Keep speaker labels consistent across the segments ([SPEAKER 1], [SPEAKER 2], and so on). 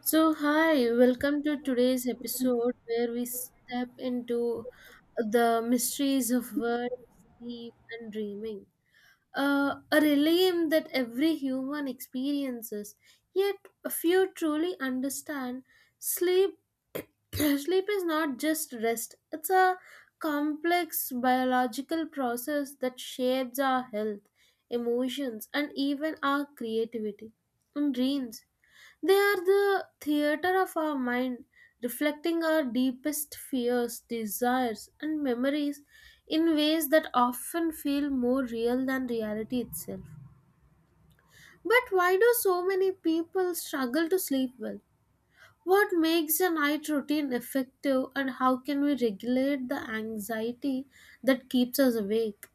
[SPEAKER 1] So, hi, welcome to today's episode where we step into the mysteries of words, sleep, and dreaming a realm that every human experiences. Yet few truly understand sleep. Sleep is not just rest; it's a complex biological process that shapes our health, emotions, and even our creativity and dreams. They are the theater of our mind, reflecting our deepest fears, desires, and memories in ways that often feel more real than reality itself. But why do so many people struggle to sleep well? What makes a night routine effective, and how can we regulate the anxiety that keeps us awake?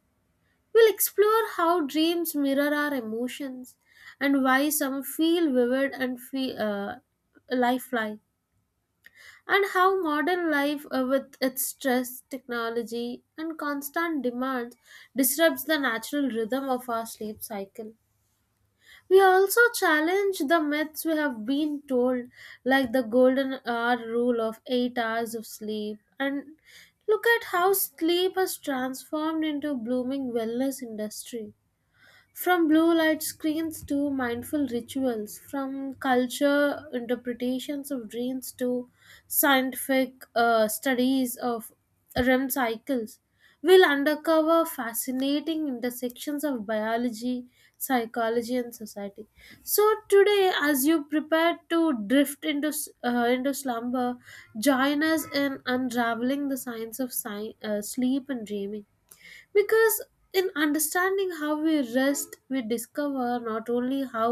[SPEAKER 1] We'll explore how dreams mirror our emotions and why some feel vivid and feel lifelike, and how modern life, with its stress, technology and constant demands, disrupts the natural rhythm of our sleep cycle. We also challenge the myths we have been told, like the golden hour rule of 8 hours of sleep, and look at how sleep has transformed into a blooming wellness industry, from blue light screens to mindful rituals, from culture interpretations of dreams to scientific studies of REM cycles. We'll uncover fascinating intersections of biology, psychology, and society. So today, as you prepare to drift into slumber, join us in unraveling the science of sleep and dreaming. Because in understanding how we rest, we discover not only how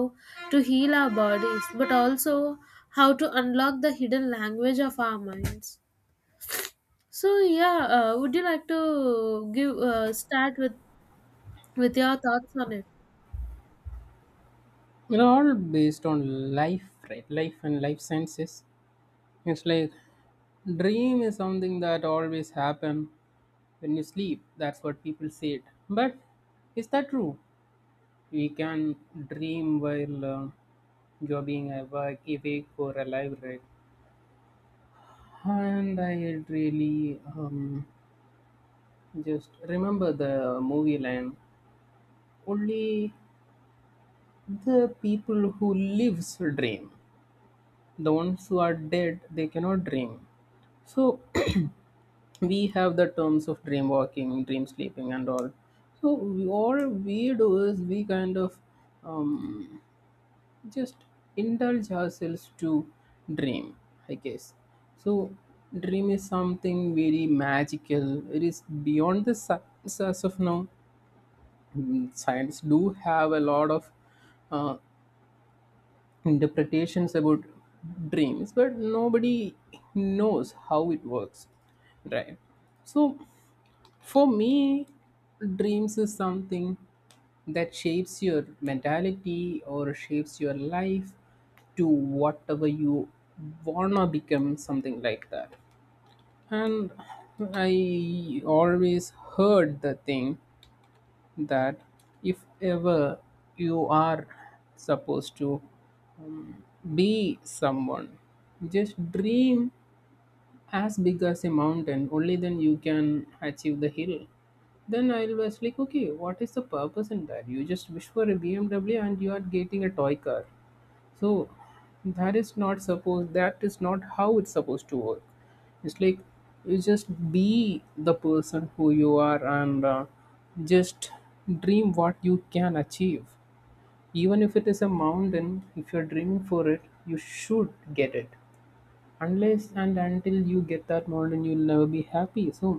[SPEAKER 1] to heal our bodies, but also how to unlock the hidden language of our minds. So, yeah, would you like to give start with your thoughts on it?
[SPEAKER 2] All based on life, right? Life and life senses. It's like dream is something that always happen when you sleep, that's what people said. But is that true? We can dream while you're being awake or alive, right? And I really just remember the movie line. Only the people who lives dream, the ones who are dead they cannot dream. So we have the terms of dream walking, dream sleeping and all. So all we do is we kind of um, just indulge ourselves to dream, I guess. So dream is something very magical, it is beyond the science as of now. Mm, science do have a lot of uh, interpretations about dreams, but nobody knows how it works, right? So for me, dreams is something that shapes your mentality or shapes your life to whatever you wanna become, something like that. And I always heard the thing that if ever you are supposed to be someone, just dream as big as a mountain, only then you can achieve the hill. Then I was like, okay, what is the purpose in that? You just wish for a BMW and you are getting a toy car. So that is not how it's supposed to work. It's like you just be the person who you are, and just dream what you can achieve. Even if it is a mountain, if you're dreaming for it you should get it. Unless and until you get that mountain you'll never be happy. So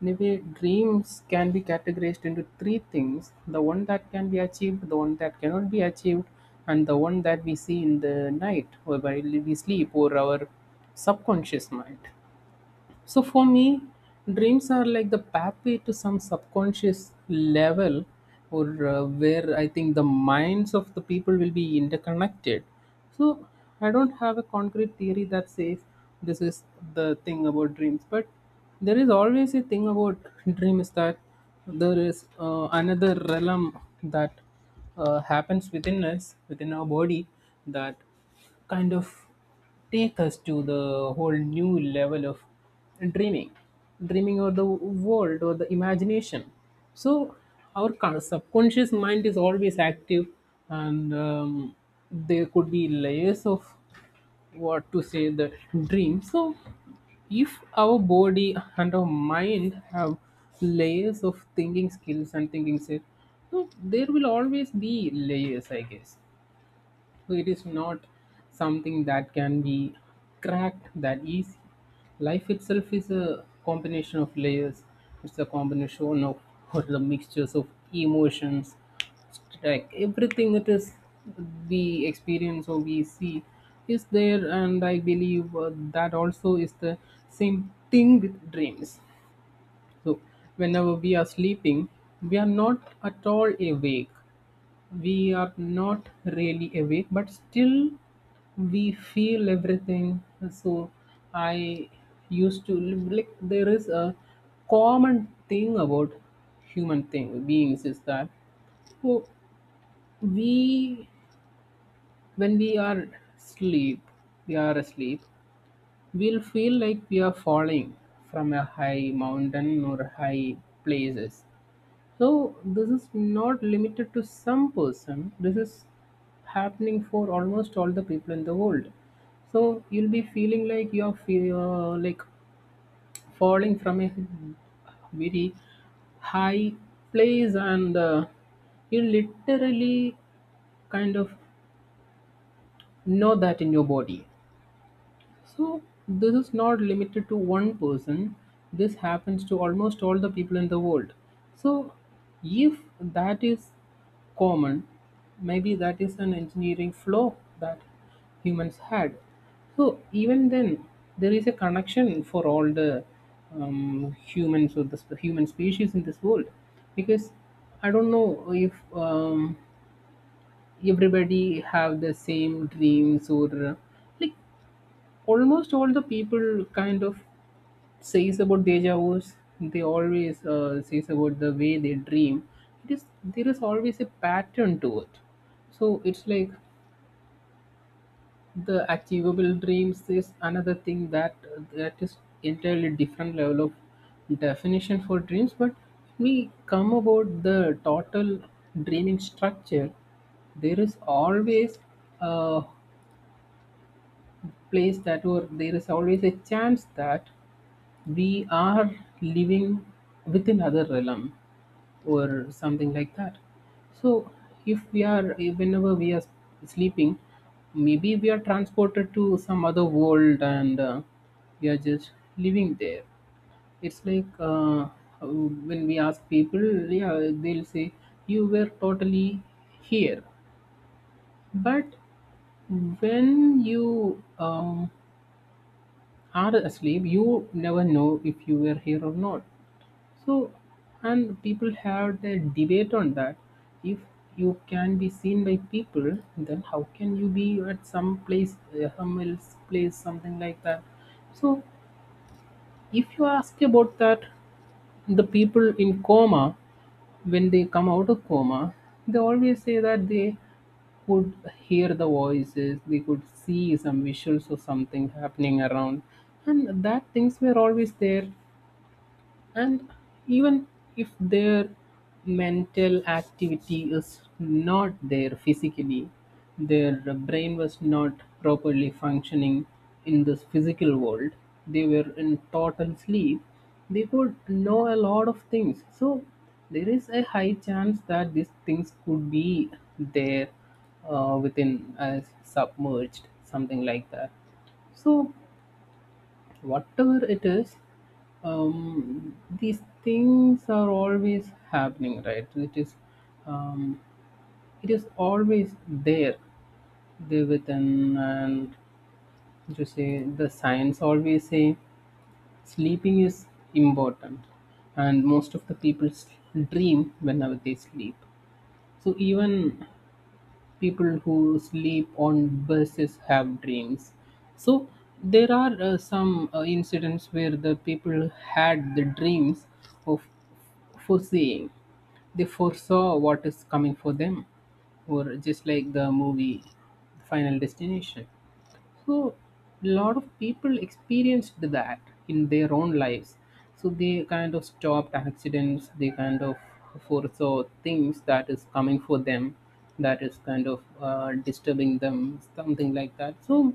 [SPEAKER 2] in a way dreams can be categorized into three things: the one that can be achieved, the one that cannot be achieved, and the one that we see in the night or while we sleep, or our subconscious mind. So for me, dreams are like the pathway to some subconscious level, or where I think the minds of the people will be interconnected. So I don't have a concrete theory that says this is the thing about dreams, but there is always a thing about dream is that there is another realm that happens within us, within our body, that kind of take us to the whole new level of dreaming dreaming, or the world or the imagination. So our subconscious mind is always active, and there could be layers of, what to say, the dream. So if our body and our mind have layers of thinking skills so there will always be layers, I guess. It is not something that can be cracked that easy. Life itself is a combination of layers. It's a combination of or the mixtures of emotions. Like everything it is we experience or we see is there, and I believe that also is the same thing with dreams. So whenever we are sleeping, we are not at all awake. We are not really awake, but still we feel everything. So I used to live like there is a common thing about human thing beings is that, oh, we, when we are sleep we are asleep, we'll feel like we are falling from a high mountain or high places. So this is not limited to some person. This is happening for almost all the people in the world. So you'll be feeling like you're like falling from a very high place, and you literally kind of know that in your body. So this is not limited to one person. This happens to almost all the people in the world. So if that is common, maybe that is an engineering flaw that humans had. So even then, there is a connection for all the humans or the human species in this world, because I don't know if everybody have the same dreams, or like almost all the people kind of says about deja vu's. They always says about the way they dream. It is there is always a pattern to it. So it's like the achievable dreams is another thing that is entirely different level of definition for dreams. But we come about the total dreaming structure, there is always a place that, or there is always a chance that we are living within other realm or something like that. So if we are whenever we are sleeping, maybe we are transported to some other world, and we are just living there. It's like when we ask people, yeah, they'll say you were totally here. But when you are asleep you never know if you were here or not. So, and people have the debate on that. If you can be seen by people, then how can you be at some place, some else place, something like that? So, if you ask about that, the people in coma, when they come out of coma, they always say that they could hear the voices, they could see some visuals or something happening around, and that things were always there. And even if their mental activity is not there physically, their brain was not properly functioning in this physical world, they were in total sleep, they could know a lot of things. So, there is a high chance that these things could be there within as submerged, something like that. So, whatever it is, these things are always happening, right? It is um, it is always there, there within. And to say, the science always say sleeping is important, and most of the people dream whenever they sleep. So even people who sleep on buses have dreams. So there are some incidents where the people had the dreams of foreseeing. They foresaw what is coming for them, or just like the movie Final Destination. So a lot of people experienced that in their own lives. So they kind of stopped accidents. They kind of foresaw things that is coming for them, that is kind of disturbing them, something like that. So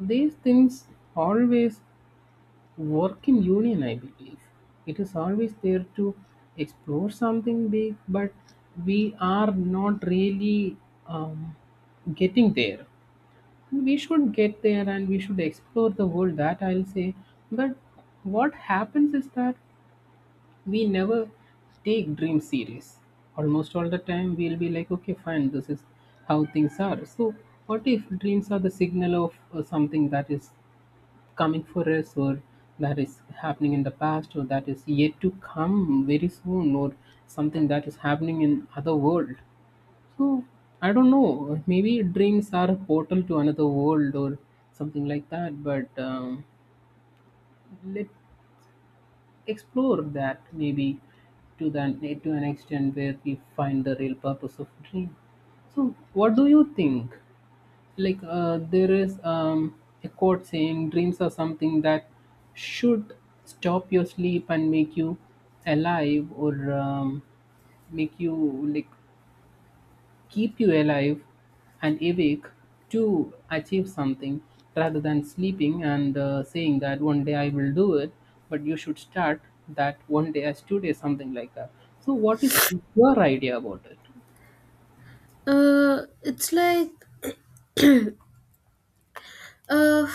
[SPEAKER 2] these things always work in union, I believe. It is always there to explore something big, but we are not really um, getting there. We should get there and we should explore the world, that I'll say. But what happens is that we never take dreams serious. Almost all the time, we'll be like, okay, fine, this is how things are. So, what if dreams are the signal of something that is coming for us, or that is happening in the past, or that is yet to come very soon, or something that is happening in other world? So I don't know. Maybe dreams are a portal to another world or something like that. But let explore that, maybe, to that to an extent where we find the real purpose of dream. So what do you think? Like there is a quote saying dreams are something that should stop your sleep and make you alive, or make you, like, keep you alive and awake to achieve something, rather than sleeping and saying that one day I will do it, but you should start that one day as today, something like that. So, what is your idea about it?
[SPEAKER 1] It's like, Uh,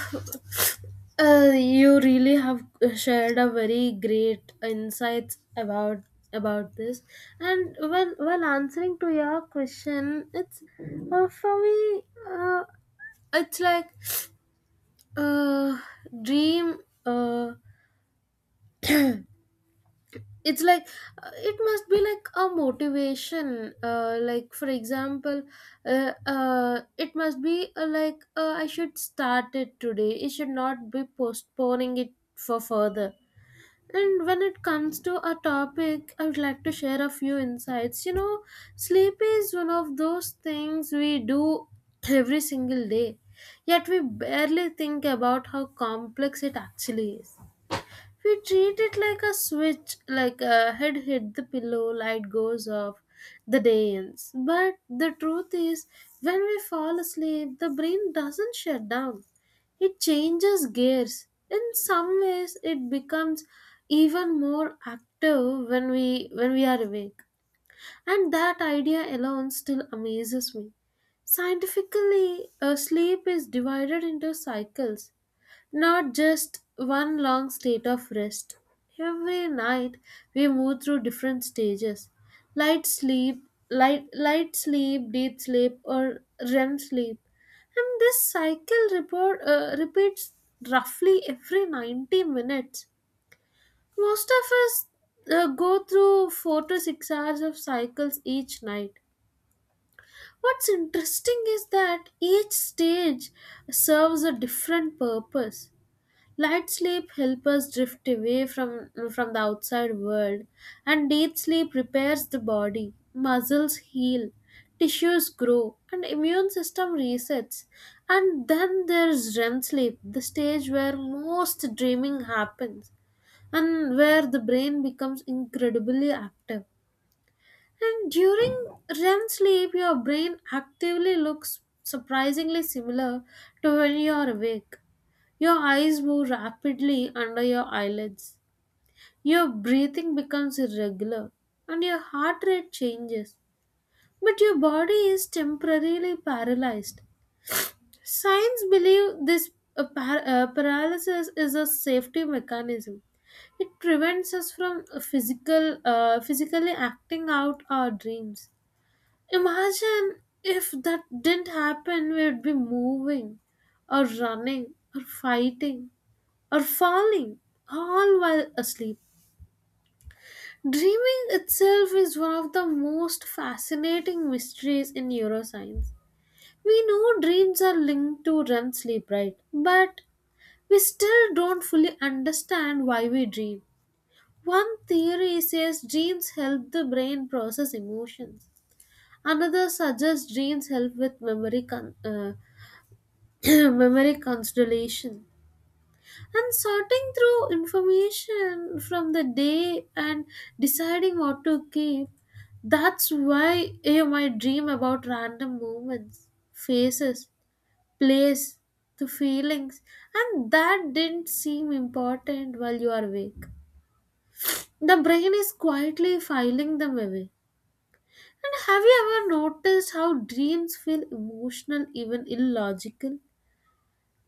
[SPEAKER 1] you really have shared a very great insights about this. And when while answering to your question, it's, for me, uh, it's like, uh dream, uh it's like, it must be like a motivation, like for example, it must be, like, I should start it today, it should not be postponing it for further. And when it comes to a topic, I would like to share a few insights. Sleep is one of those things we do every single day, yet we barely think about how complex it actually is. We treat it like a switch, like a head hit the pillow, light goes off, the day ends. But the truth is, when we fall asleep, the brain doesn't shut down. It changes gears. In some ways, it becomes even more active when we are awake. And that idea alone still amazes me. Scientifically, sleep is divided into cycles. Not just one long state of rest. Every night we move through different stages. Light sleep, light sleep, deep sleep or REM sleep. And this cycle repeats roughly every 90 minutes. Most of us go through 4 to 6 hours of cycles each night. What's interesting is that each stage serves a different purpose. Light sleep helps us drift away from the outside world, and deep sleep repairs the body. Muscles heal, tissues grow, and immune system resets. And then there's REM sleep, the stage where most dreaming happens, and where the brain becomes incredibly active. And during REM sleep, your brain actively looks surprisingly similar to when you are awake. Your eyes move rapidly under your eyelids. Your breathing becomes irregular and your heart rate changes. But your body is temporarily paralyzed. Science believe this paralysis is a safety mechanism. It prevents us from physically acting out our dreams. Imagine if that didn't happen, we would be moving or running or fighting or falling, all while asleep. Dreaming itself is one of the most fascinating mysteries in neuroscience. We know dreams are linked to REM sleep, right? But we still don't fully understand why we dream. One theory says dreams help the brain process emotions. Another suggests dreams help with memory consolidation, and sorting through information from the day and deciding what to keep. That's why you might dream about random moments, faces, place, the feelings, and that didn't seem important while you are awake. The brain is quietly filing them away. And have you ever noticed how dreams feel emotional, even illogical?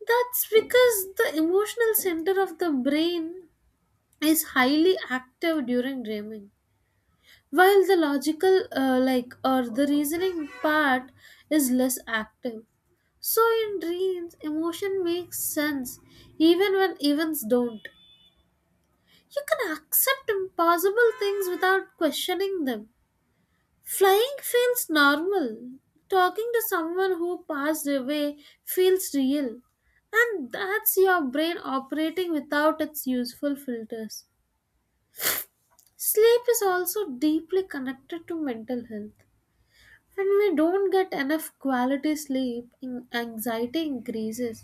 [SPEAKER 1] That's because the emotional center of the brain is highly active during dreaming, while the logical, like, or the reasoning part is less active. So in dreams, emotion makes sense even when events don't. You can accept impossible things without questioning them. Flying feels normal, talking to someone who passed away feels real, and that's your brain operating without its useful filters. Sleep is also deeply connected to mental health. When we don't get enough quality sleep, anxiety increases,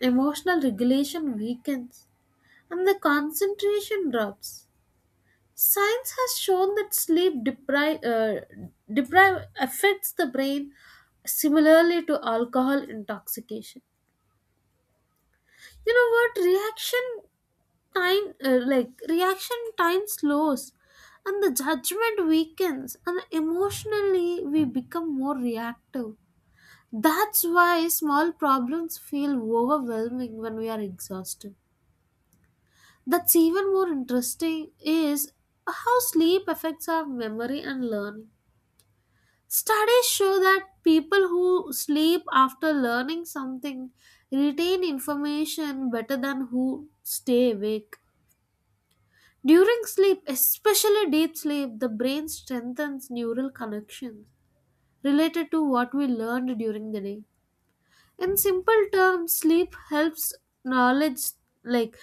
[SPEAKER 1] emotional regulation weakens, and the concentration drops. Science has shown that sleep deprive affects the brain similarly to alcohol intoxication. You know what? Reaction time slows, and the judgment weakens, and emotionally we become more reactive. That's why small problems feel overwhelming when we are exhausted. That's even more interesting is how sleep affects our memory and learning. Studies show that people who sleep after learning something retain information better than who stay awake. During sleep, especially deep sleep, the brain strengthens neural connections related to what we learned during the day. In simple terms, sleep helps knowledge, like,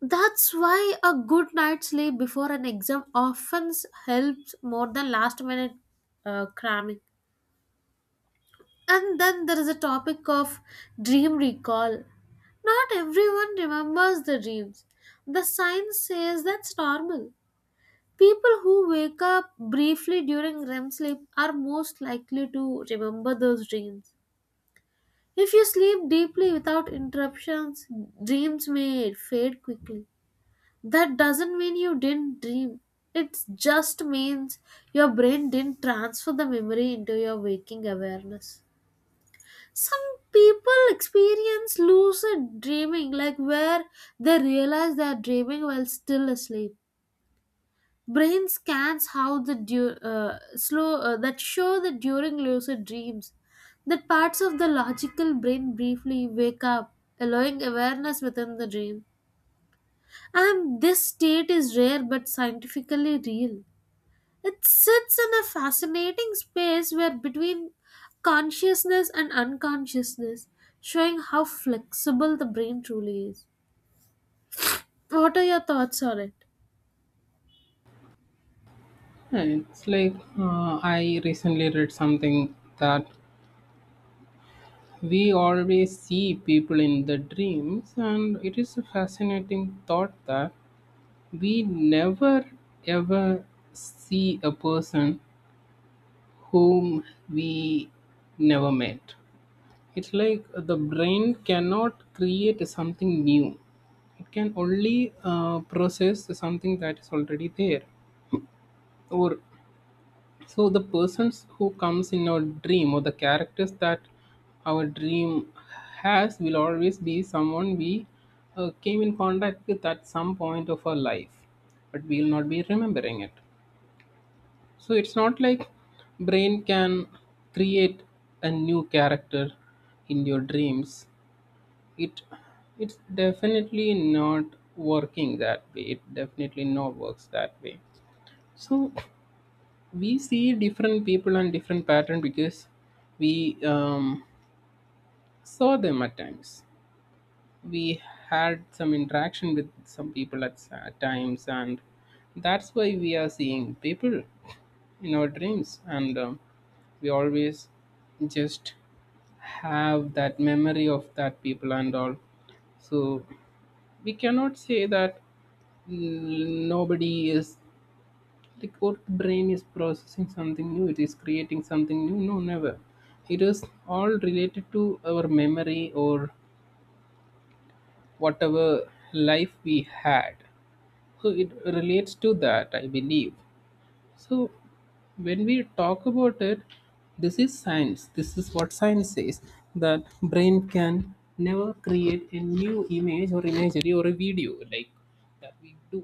[SPEAKER 1] that's why a good night's sleep before an exam often helps more than last minute cramming. And then there is a topic of dream recall. Not everyone remembers the dreams. The science says that's normal. People who wake up briefly during REM sleep are most likely to remember those dreams. If you sleep deeply without interruptions, dreams may fade quickly. That doesn't mean you didn't dream. It just means your brain didn't transfer the memory into your waking awareness. Some people experience lucid dreaming, like where they realize they are dreaming while still asleep. Brain scans how the du- slow that show that during lucid dreams, that parts of the logical brain briefly wake up, allowing awareness within the dream. And this state is rare but scientifically real. It sits in a fascinating space where between consciousness and unconsciousness, showing how flexible the brain truly is. What are your thoughts on it?
[SPEAKER 2] Yeah, it's like I recently read something that we always see people in the dreams, and it is a fascinating thought that we never ever see a person whom we never met. It's like the brain cannot create something new, it can only process something that is already there. Or so, the persons who comes in our dream or the characters that our dream has will always be someone we came in contact with at some point of our life, but we will not be remembering it. So it's not like brain can create a new character in your dreams. It it's definitely not working that way, it definitely not works that way. So we see different people and different pattern because we um, saw them at times, we had some interaction with some people at at times, and that's why we are seeing people in our dreams. And we always just have that memory of that people and all. So we cannot say that, mm, nobody is, like, our brain is processing something new, it is creating something new. No, never. It is all related to our memory or whatever life we had. So it relates to that, I believe. So when we talk about it, this is science. This is what science says, that brain can never create a new image or imagery or a video like that we do.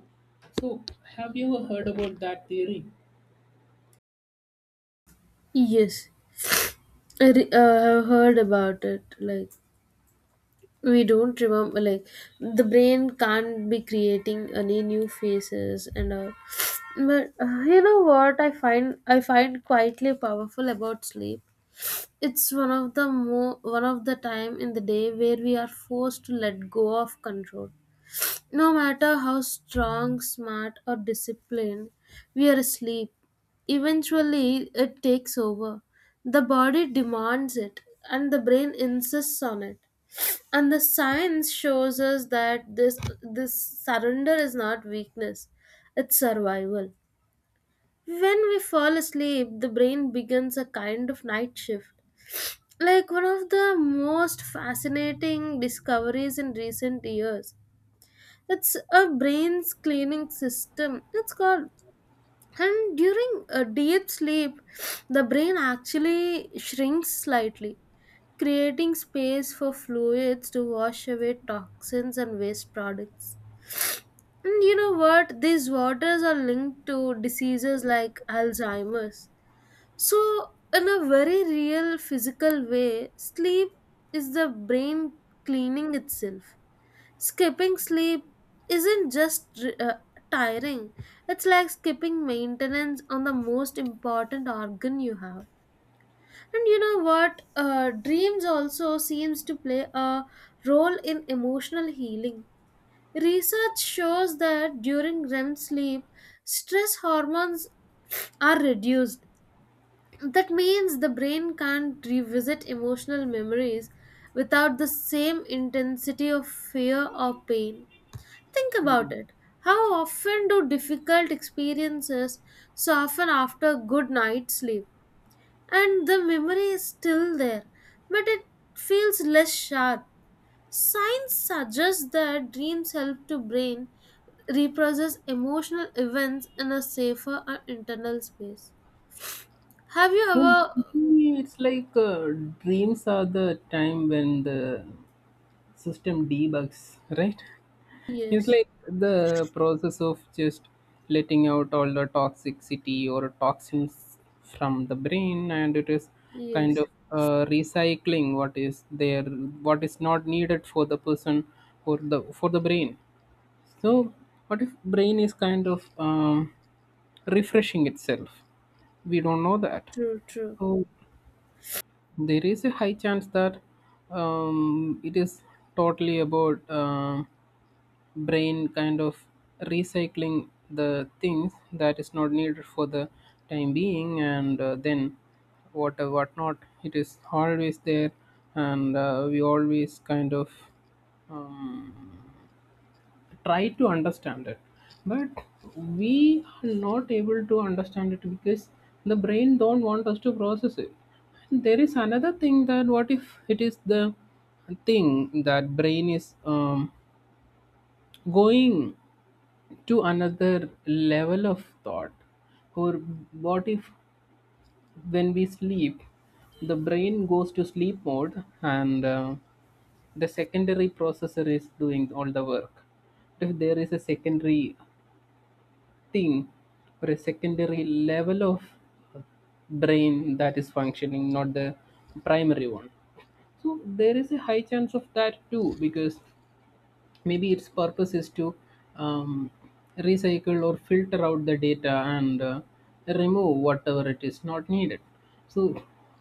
[SPEAKER 2] So have you ever heard about that theory?
[SPEAKER 1] Yes, I have heard about it, like, we don't remember, like, the brain can't be creating any new faces and all. But, you know what I find, I find quietly powerful about sleep? It's one of the time in the day where we are forced to let go of control. No matter how strong, smart or disciplined we are, asleep eventually it takes over. The body demands it and the brain insists on it. And the science shows us that this surrender is not weakness, it's survival. When we fall asleep, the brain begins a kind of night shift, like one of the most fascinating discoveries in recent years. It's a brain's cleaning system, it's called. And during a deep sleep, the brain actually shrinks slightly, creating space for fluids to wash away toxins and waste products. And you know what? These waters are linked to diseases like Alzheimer's. So, in a very real physical way, sleep is the brain cleaning itself. Skipping sleep isn't just tiring, it's like skipping maintenance on the most important organ you have. And you know what? Dreams also seems to play a role in emotional healing. Research shows that during REM sleep, stress hormones are reduced. That means the brain can't revisit emotional memories without the same intensity of fear or pain. Think
[SPEAKER 2] Yeah.
[SPEAKER 1] about it. How often do difficult experiences soften after good night's sleep? And the memory is still there, but it feels less sharp. Science suggests that dreams help to brain reprocess emotional events in a safer and internal space. Have you
[SPEAKER 2] Yeah,
[SPEAKER 1] ever?
[SPEAKER 2] it's like dreams are the time when the system debugs, right? It's
[SPEAKER 1] Yes,
[SPEAKER 2] like the process of just letting out all the toxicity or toxins from the brain, and it is kind
[SPEAKER 1] yes,
[SPEAKER 2] of recycling what is there, what is not needed for the person or the for the brain. So, what if brain is kind of refreshing itself? We don't know that.
[SPEAKER 1] true, true,
[SPEAKER 2] So there is a high chance that it is totally about brain kind of recycling the things that is not needed for the time being, and then what not it is always there, and we always kind of um, try to understand it, but we are not able to understand it because the brain don't want us to process it. And there is another thing, that what if it is the thing that brain is going to another level of thought. Or what if when we sleep, the brain goes to sleep mode and the secondary processor is doing all the work? If there is a secondary thing or a secondary level of brain that is functioning, not the primary one. So there is a high chance of that too, because maybe its purpose is to um, recycle or filter out the data, and remove whatever it is not needed. So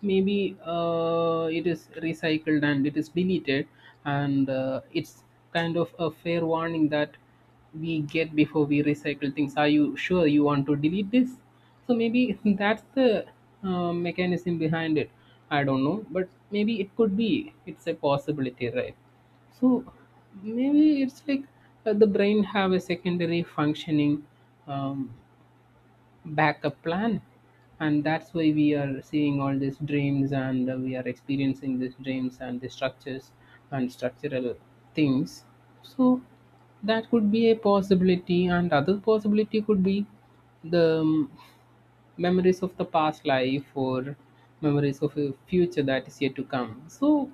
[SPEAKER 2] maybe it is recycled and it is deleted, and it's kind of a fair warning that we get before we recycle things: are you sure you want to delete this? So maybe that's the mechanism behind it. I don't know, but maybe it could be, it's a possibility, right? So maybe it's like, the brain have a secondary functioning, um, backup plan, and that's why we are seeing all these dreams and we are experiencing these dreams and the structures and structural things. So that could be a possibility, and other possibility could be the memories of the past life or memories of a future that is yet to come. So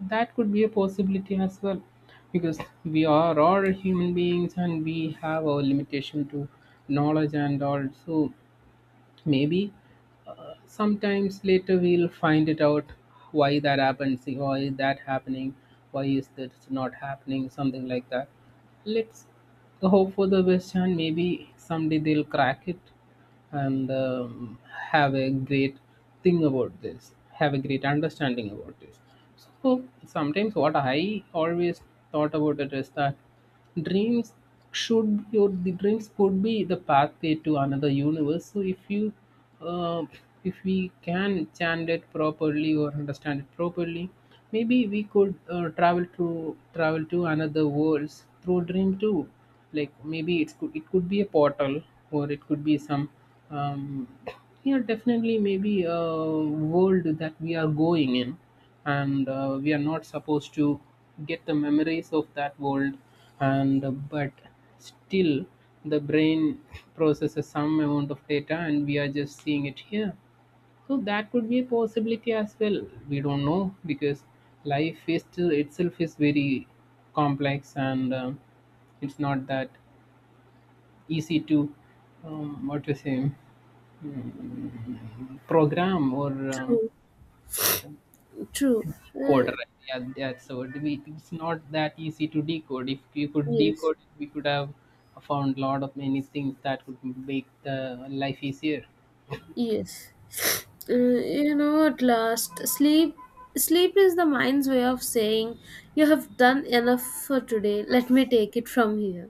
[SPEAKER 2] that could be a possibility as well, because we are all human beings and we have our limitation to knowledge and all. So maybe sometimes later we'll find it out, why that happens, why is that happening, why is that not happening, something like that. Let's the hope for the West Ham. Maybe someday they'll crack it, and have a great thing about this, have a great understanding about this. So sometimes what I always thought about it is that dreams should be, or the dreams could be the pathway to another universe. So if you, uh, if we can chant it properly or understand it properly, maybe we could travel to travel to another worlds through dream too. Like maybe it's could it could be a portal, or it could be some um, yeah, definitely maybe a world that we are going in, and we are not supposed to get the memories of that world, and but still the brain processes some amount of data and we are just seeing it here. So that could be a possibility as well. We don't know, because life is still itself is very complex, and it's not that easy to what to say, program or
[SPEAKER 1] true, true.
[SPEAKER 2] decode.
[SPEAKER 1] Uh,
[SPEAKER 2] Right? Yeah, that's the word. We, it's not that easy to decode. If you could
[SPEAKER 1] yes,
[SPEAKER 2] decode it, we could have found a lot of many things that could make the life easier.
[SPEAKER 1] yes. You know, at last, sleep. Sleep is the mind's way of saying you have done enough for today. Let me take it from here.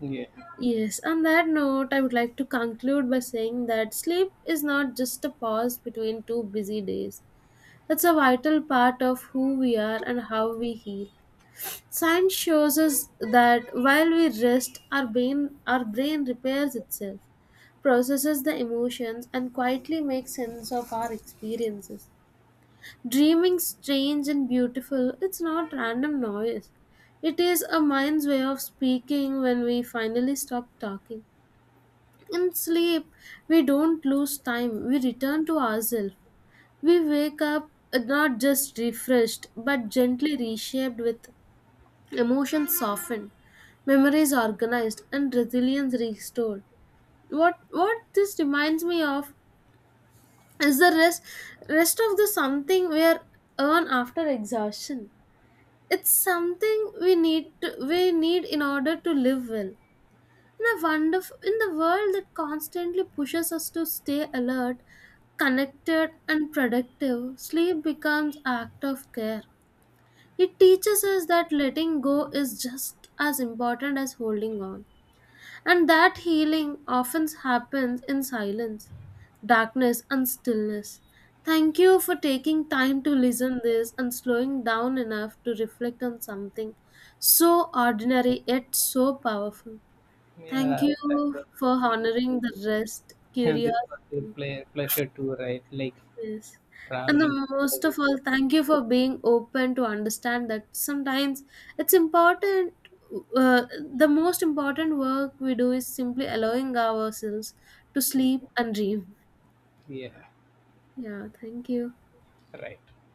[SPEAKER 2] Yeah,
[SPEAKER 1] Yes, on that note, I would like to conclude by saying that sleep is not just a pause between two busy days. It's a vital part of who we are and how we heal. Science shows us that while we rest, our brain repairs itself, processes the emotions, and quietly makes sense of our experiences. Dreaming strange and beautiful, it's not random noise. It is a mind's way of speaking when we finally stop talking. In sleep, we don't lose time, we return to ourselves. We wake up not just refreshed, but gently reshaped with emotions softened, memories organized, and resilience restored. What this reminds me of is the rest of the something we are earn after exhaustion. It's something we need in order to live well. In a wonderful in the world that constantly pushes us to stay alert, connected and productive, sleep becomes act of care. It teaches us that letting go is just as important as holding on, and that healing often happens in silence, darkness and stillness. Thank you for taking time to listen this and slowing down enough to reflect on something so ordinary yet so powerful. Thank
[SPEAKER 2] yeah, that
[SPEAKER 1] you
[SPEAKER 2] was.
[SPEAKER 1] for honoring the rest,
[SPEAKER 2] And this was a
[SPEAKER 1] curiosity.
[SPEAKER 2] pleasure too, right? Like
[SPEAKER 1] Yes. And the
[SPEAKER 2] traveling to another
[SPEAKER 1] most
[SPEAKER 2] world
[SPEAKER 1] of all, thank
[SPEAKER 2] kind
[SPEAKER 1] you
[SPEAKER 2] of
[SPEAKER 1] for being open to understand that sometimes it's important. Uh, the most important work we do is simply allowing ourselves to
[SPEAKER 2] thing.
[SPEAKER 1] sleep and dream.
[SPEAKER 2] Yeah, yeah,
[SPEAKER 1] Yeah, thank you.
[SPEAKER 2] right.